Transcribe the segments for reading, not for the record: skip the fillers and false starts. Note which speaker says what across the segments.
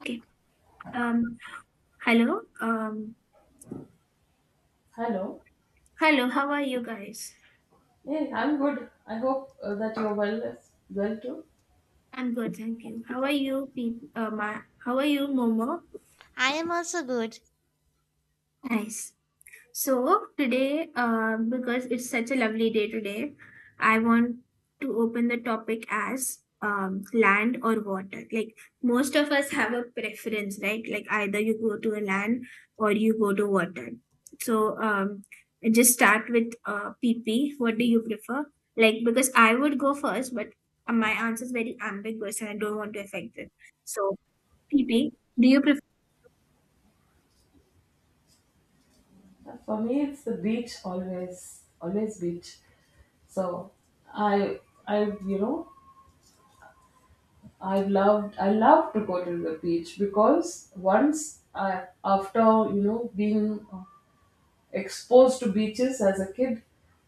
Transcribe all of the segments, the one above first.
Speaker 1: Okay. Um, hello.
Speaker 2: Hello.
Speaker 1: Hello. How are you guys?
Speaker 2: Hey, I'm good. I hope that you're well as well too.
Speaker 1: I'm good, thank you. How are you, people? How are you, Momo?
Speaker 3: I am also good.
Speaker 1: Nice. So today, because it's such a lovely day today, I want to open the topic as land or water. Like most of us have a preference, right? Like either you go to a land or you go to water. So, just start with PP. What do you prefer? Like because I would go first, but my answer is very ambiguous, and I don't want to affect it. So PP, do you prefer?
Speaker 2: For me, it's the beach always, always beach. So I, I, you know, I I love to go to the beach because after being exposed to beaches as a kid,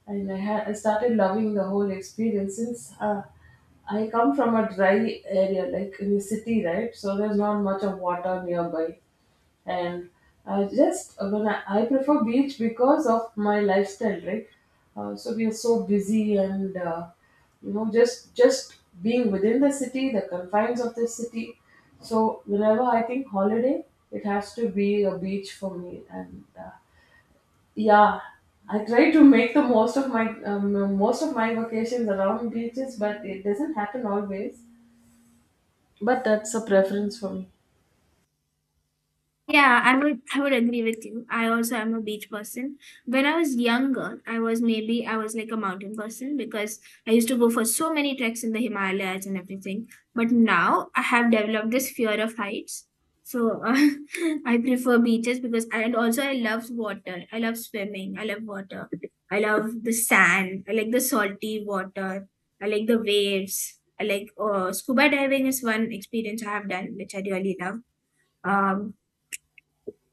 Speaker 2: and I started loving the whole experience since I come from a dry area, like in the city, right? So there's not much of water nearby, and I just when I prefer beach because of my lifestyle, right? So we are so busy and you know just being within the city, the confines of the city. So whenever I think holiday, it has to be a beach for me, and yeah, I try to make the most of my vacations around beaches, but it doesn't happen always. But that's a preference for me.
Speaker 1: Yeah, I would agree with you. I also am a beach person. When I was younger, I was like a mountain person because I used to go for so many treks in the Himalayas and everything. But now I have developed this fear of heights. So I prefer beaches because and also I love water. I love swimming. I love water. I love the sand. I like the salty water. I like the waves. I like scuba diving is one experience I have done which I really love. um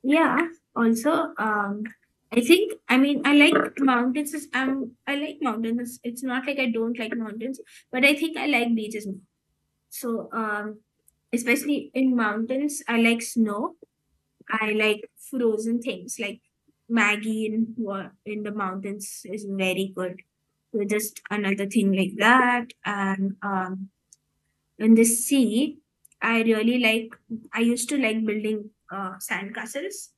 Speaker 1: yeah. Also, um, I think I mean I like mountains. I like mountains. It's not like I don't like mountains, but I think I like beaches more. So, especially in mountains, I like snow. I like frozen things like Maggie in in the mountains is very good. So just another thing like that, and in the sea, I really like. I used to like building sandcastles,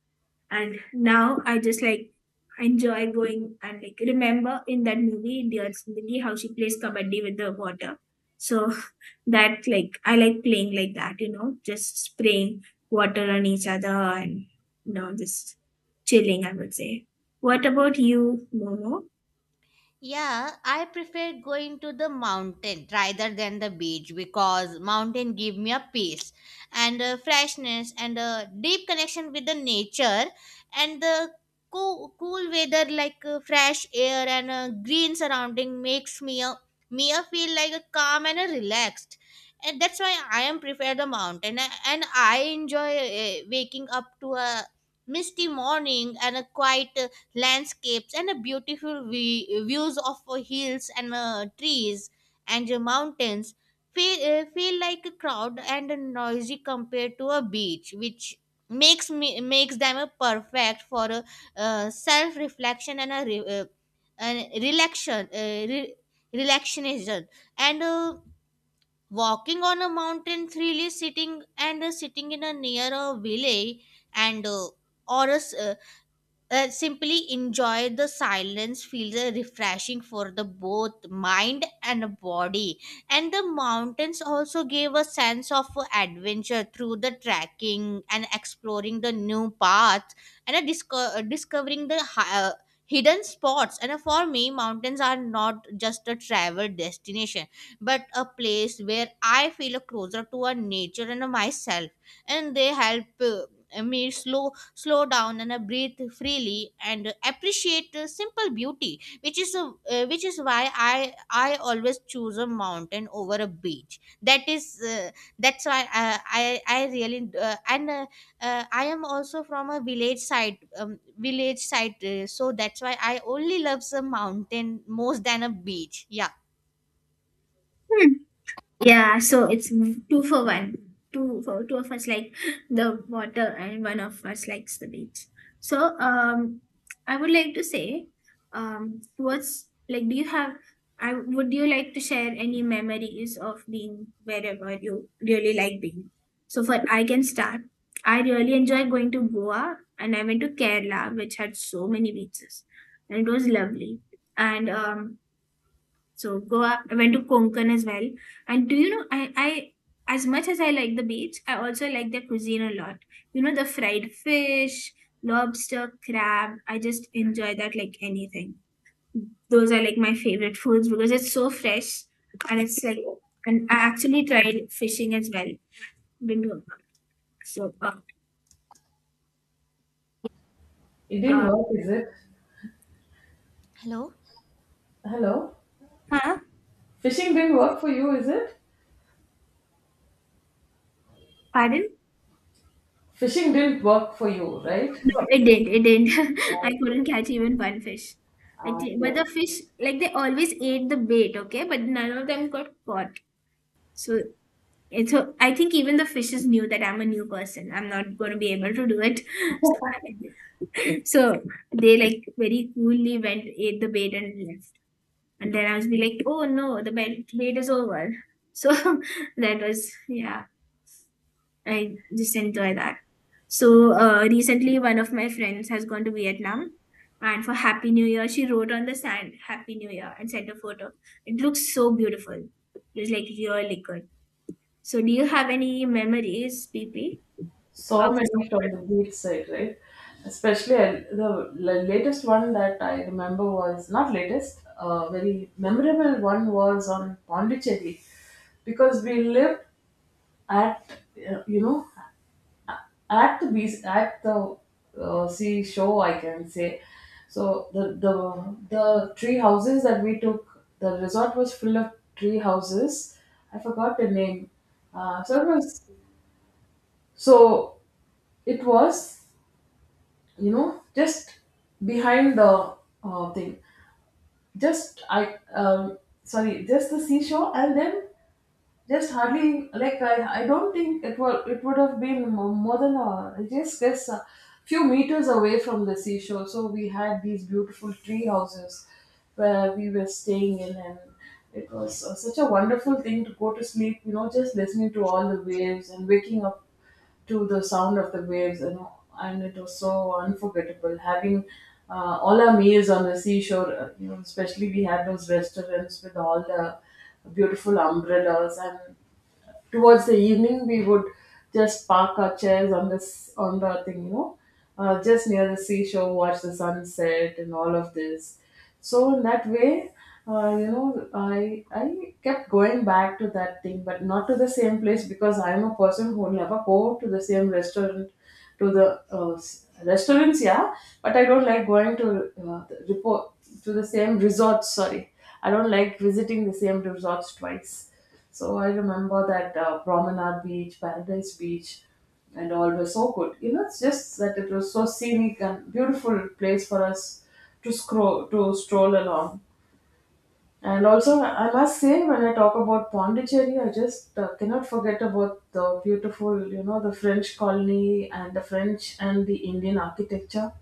Speaker 1: and now I just like enjoy going, and like remember in that movie Dear Zindagi how she plays kabaddi with the water. So that like I like playing like that, just spraying water on each other and just chilling, I would say. What about you, Momo?
Speaker 3: Yeah, I prefer going to the mountain rather than the beach because mountain give me a peace and a freshness and a deep connection with the nature and the cool weather like fresh air and a green surrounding makes me a feel like a calm and a relaxed, and that's why I am prefer the mountain. And I enjoy waking up to a misty morning and a quiet landscapes and a beautiful views of hills and trees and mountains feel like a crowd and a noisy compared to a beach, which makes them a perfect for a self reflection and a re- and relaxation, relaxation. And walking on a mountain, really sitting and sitting in a near a village and or a s- uh, simply enjoy the silence feels refreshing for the both mind and body. And the mountains also gave a sense of adventure through the trekking and exploring the new paths and discovering the hidden spots. And for me, mountains are not just a travel destination but a place where I feel closer to a nature and myself, and they help me slow down and breathe freely and appreciate simple beauty, which is why I always choose a mountain over a beach. That's why I really and I am also from a village side, so that's why I only love some mountain most than a beach. Yeah.
Speaker 1: Yeah, so it's two for one. Two for two of us like the water and one of us likes the beach. So, I would like to say, what's like do you have I would you like to share any memories of being wherever you really like being? So for I can start. I really enjoy going to Goa, and I went to Kerala which had so many beaches, and it was lovely. And so Goa, I went to Konkan as well. And do you know, I as much as I like the beach, I also like their cuisine a lot. You know, the fried fish, lobster, crab. I just enjoy that like anything. Those are like my favorite foods because it's so fresh, and it's like, and I actually tried fishing as well. Been to- So,
Speaker 2: It didn't
Speaker 1: uh,
Speaker 2: work, is it?
Speaker 3: Hello.
Speaker 2: Hello,
Speaker 1: huh?
Speaker 2: fishing didn't work for you, is it?
Speaker 1: Pardon?
Speaker 2: Fishing didn't work for you, right?
Speaker 1: No, it didn't. It didn't. I
Speaker 2: Okay.
Speaker 1: couldn't catch even one fish.
Speaker 2: Ah, yeah.
Speaker 1: But the fish, like they always ate the bait, okay? But none of them got caught. So, and so I think even the fishes knew that I'm a new person. I'm not going to be able to do it. So, so they like very coolly went, ate the bait and left. And then I was be like, oh no, the bait is over. So that was, yeah. I just enjoy that. So recently, one of my friends has gone to Vietnam, and for Happy New Year, she wrote on the sand "Happy New Year" and sent a photo. It looks so beautiful. It's like really good. So, do you have any memories, PP? Of
Speaker 2: So many from the beach side, right? Especially latest one that I remember was not latest, very memorable one was on Pondicherry because we lived at uh, you know at the beach at the sea shore I can say. So the tree houses that we took, the resort was full of tree houses. I forgot the name. So it was, so it was, you know, just behind the thing just I sorry just the seashore. And then just hardly, like, I don't think it would, it would have been more than a, I just guess, a few meters away from the seashore. So we had these beautiful tree houses where we were staying in, and it was such a wonderful thing to go to sleep. You know, just listening to all the waves and waking up to the sound of the waves, you know, and it was so unforgettable. Having all our meals on the seashore, you know, especially we had those restaurants with all the beautiful umbrellas, and towards the evening we would just park our chairs on this, on the thing, you know, just near the seashore, watch the sunset and all of this. So in that way, you know, I kept going back to that thing, but not to the same place, because I'm a person who will never go to the same restaurant, to the uh, s- restaurants, yeah. But I don't like going to the report to the same resorts, sorry. I don't like visiting the same resorts twice. So I remember that Promenade Beach, Paradise Beach, and all were so good. You know, it's just that it was so scenic and beautiful place for us to stroll along. And also, I must say, when I talk about Pondicherry, I just cannot forget about the beautiful, you know, the French colony and the French and the Indian architecture.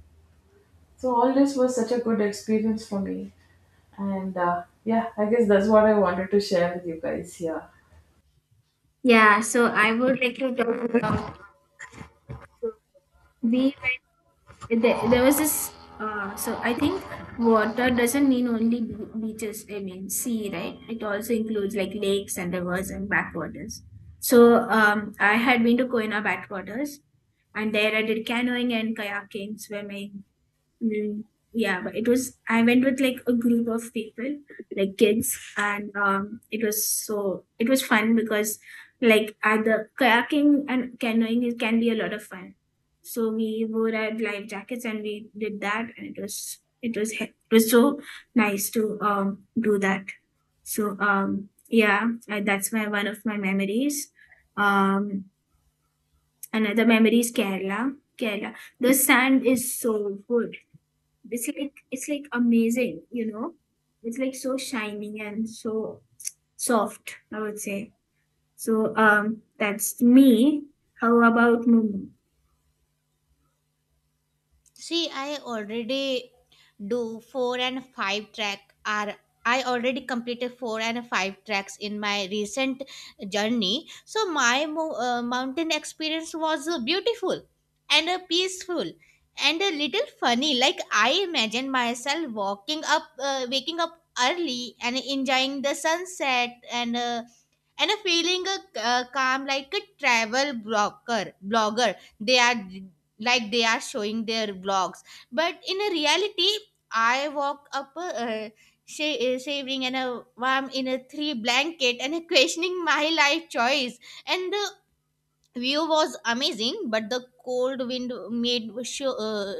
Speaker 2: So all this was such a good experience for me. And yeah, I guess that's what I wanted to share with you guys here.
Speaker 1: yeah. So I would like to talk about we went there was this so I think water doesn't mean only beaches, I mean sea, right, it also includes like lakes and rivers and backwaters. So I had been to Koina backwaters, and there I did canoeing and kayaking, swimming. Mm, yeah, but it was I went with like a group of people, like kids, and it was fun because like at the kayaking and canoeing it can be a lot of fun. So we wore our life jackets and we did that, and it was so nice to do that. So yeah, that's my one of my memories. Um, another memory is Kerala. Kerala, the sand is so good, it's like amazing, you know. It's like so shining and so soft, I would say. So that's me. How about Mumu?
Speaker 3: See, do four and five track are I already completed four and five tracks in my recent journey. So my mountain experience was beautiful and peaceful and a little funny. Like, I imagine myself waking up early and enjoying the sunset. And a feeling a calm like a travel blogger they are, like, they are showing their vlogs. But in a reality, I walk up shaving and a warm in a three blanket, and a questioning my life choice. And the view was amazing, but the cold wind made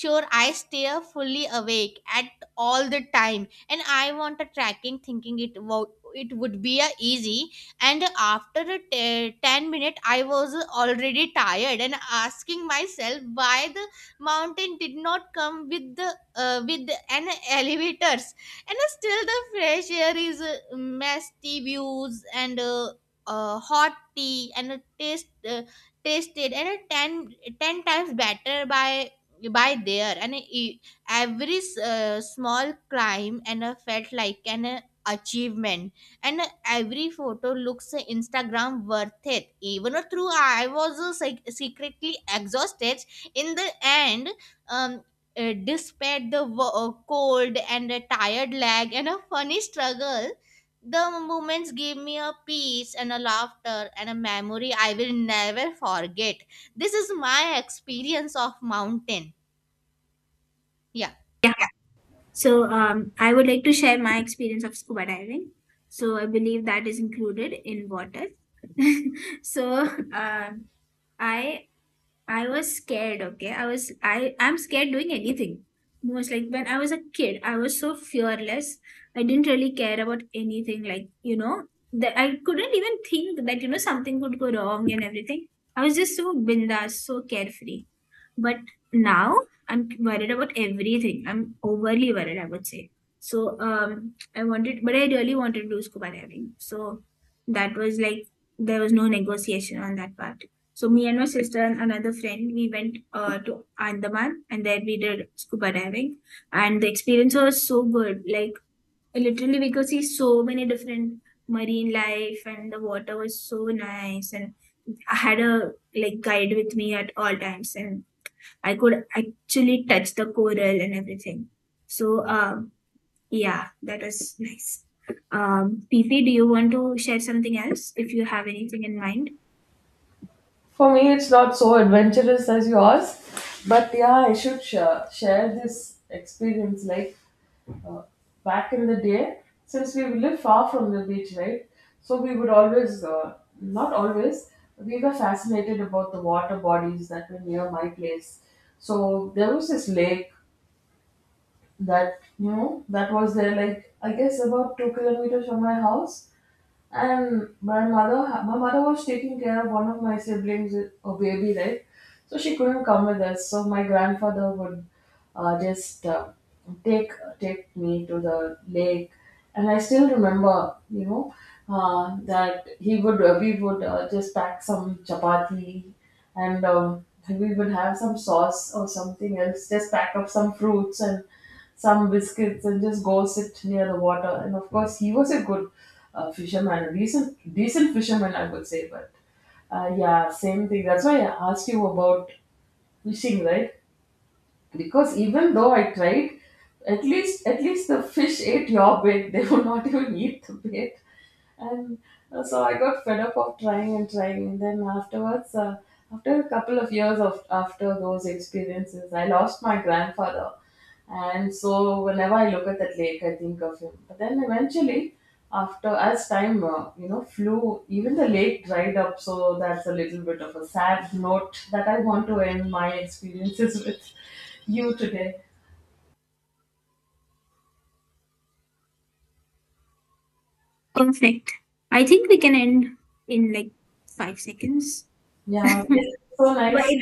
Speaker 3: sure I stay fully awake at all the time. And I want a tracking thinking it would be a easy, and after 10 minute I was already tired and asking myself why the mountain did not come with the with an elevators. And still the fresh air is misty views and hot tea, and it taste tasted ten times better by there. And every small climb and felt like an achievement. And every photo looks Instagram worth it, even though I was secretly exhausted. In the end, um despite the cold and a tired leg and a funny struggle, the moments gave me a peace and a laughter and a memory I will never forget. This is my experience of mountain. Yeah.
Speaker 1: Yeah. So I would like to share my experience of scuba diving. So I believe that is included in water. So um I I was scared, okay? I was I I'm scared doing anything. Most like when I was a kid, I was so fearless. I didn't really care about anything like, that I couldn't even think that, something could go wrong and everything. I was just so bindas, so carefree. But now I'm worried about everything. I'm overly worried, I would say. So I wanted, but I really wanted to do scuba diving. So that was like there was no negotiation on that part. So me and my sister and another friend, we went to Andaman, and there we did scuba diving, and the experience was so good. Like literally, we could see so many different marine life, and the water was so nice. And I had a like guide with me at all times, and I could actually touch the coral and everything. So, yeah, that was nice. Pipi, do you want to share something else if you have anything in mind?
Speaker 2: For me, it's not so adventurous as yours, but yeah, I should share this experience. Like, uh, back in the day, since we live far from the beach, right? So we would not always, we were fascinated about the water bodies that were near my place. So there was this lake that, you know, that was there, like I guess about 2 kilometers from my house. And my mother was taking care of one of my siblings, a baby, right? So she couldn't come with us, so my grandfather would just take take me to the lake. And I still remember, you know, that he would, we would, just pack some chapati, and we would have some sauce or something else. Just pack up some fruits and some biscuits and just go sit near the water. And of course, he was a good fisherman, a decent fisherman, I would say. But yeah, same thing. That's why I asked you about fishing, right? Because even though I tried, at least the fish ate your bait. They would not even eat the bait. And so I got fed up of trying and trying. And then afterwards, after a couple of years of, after those experiences, I lost my grandfather. And so whenever I look at that lake, I think of him. But then eventually, after as time flew, even the lake dried up. So that's a little bit of a sad note that I want to end my experiences with you today.
Speaker 1: Perfect. I think we can end in like 5 seconds. But
Speaker 2: Yeah, so so nice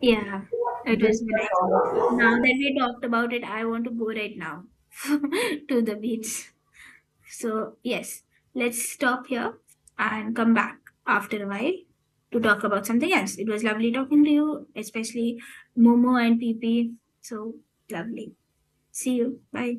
Speaker 1: yeah,
Speaker 2: to
Speaker 1: it was
Speaker 2: discuss all
Speaker 1: nice.
Speaker 2: of this.
Speaker 1: Now that we talked about it, I want to go right now to the beach. So, yes, let's stop here and come back after a while to talk about something else. It was lovely talking to you, especially Momo and PP. So lovely. See you. Bye.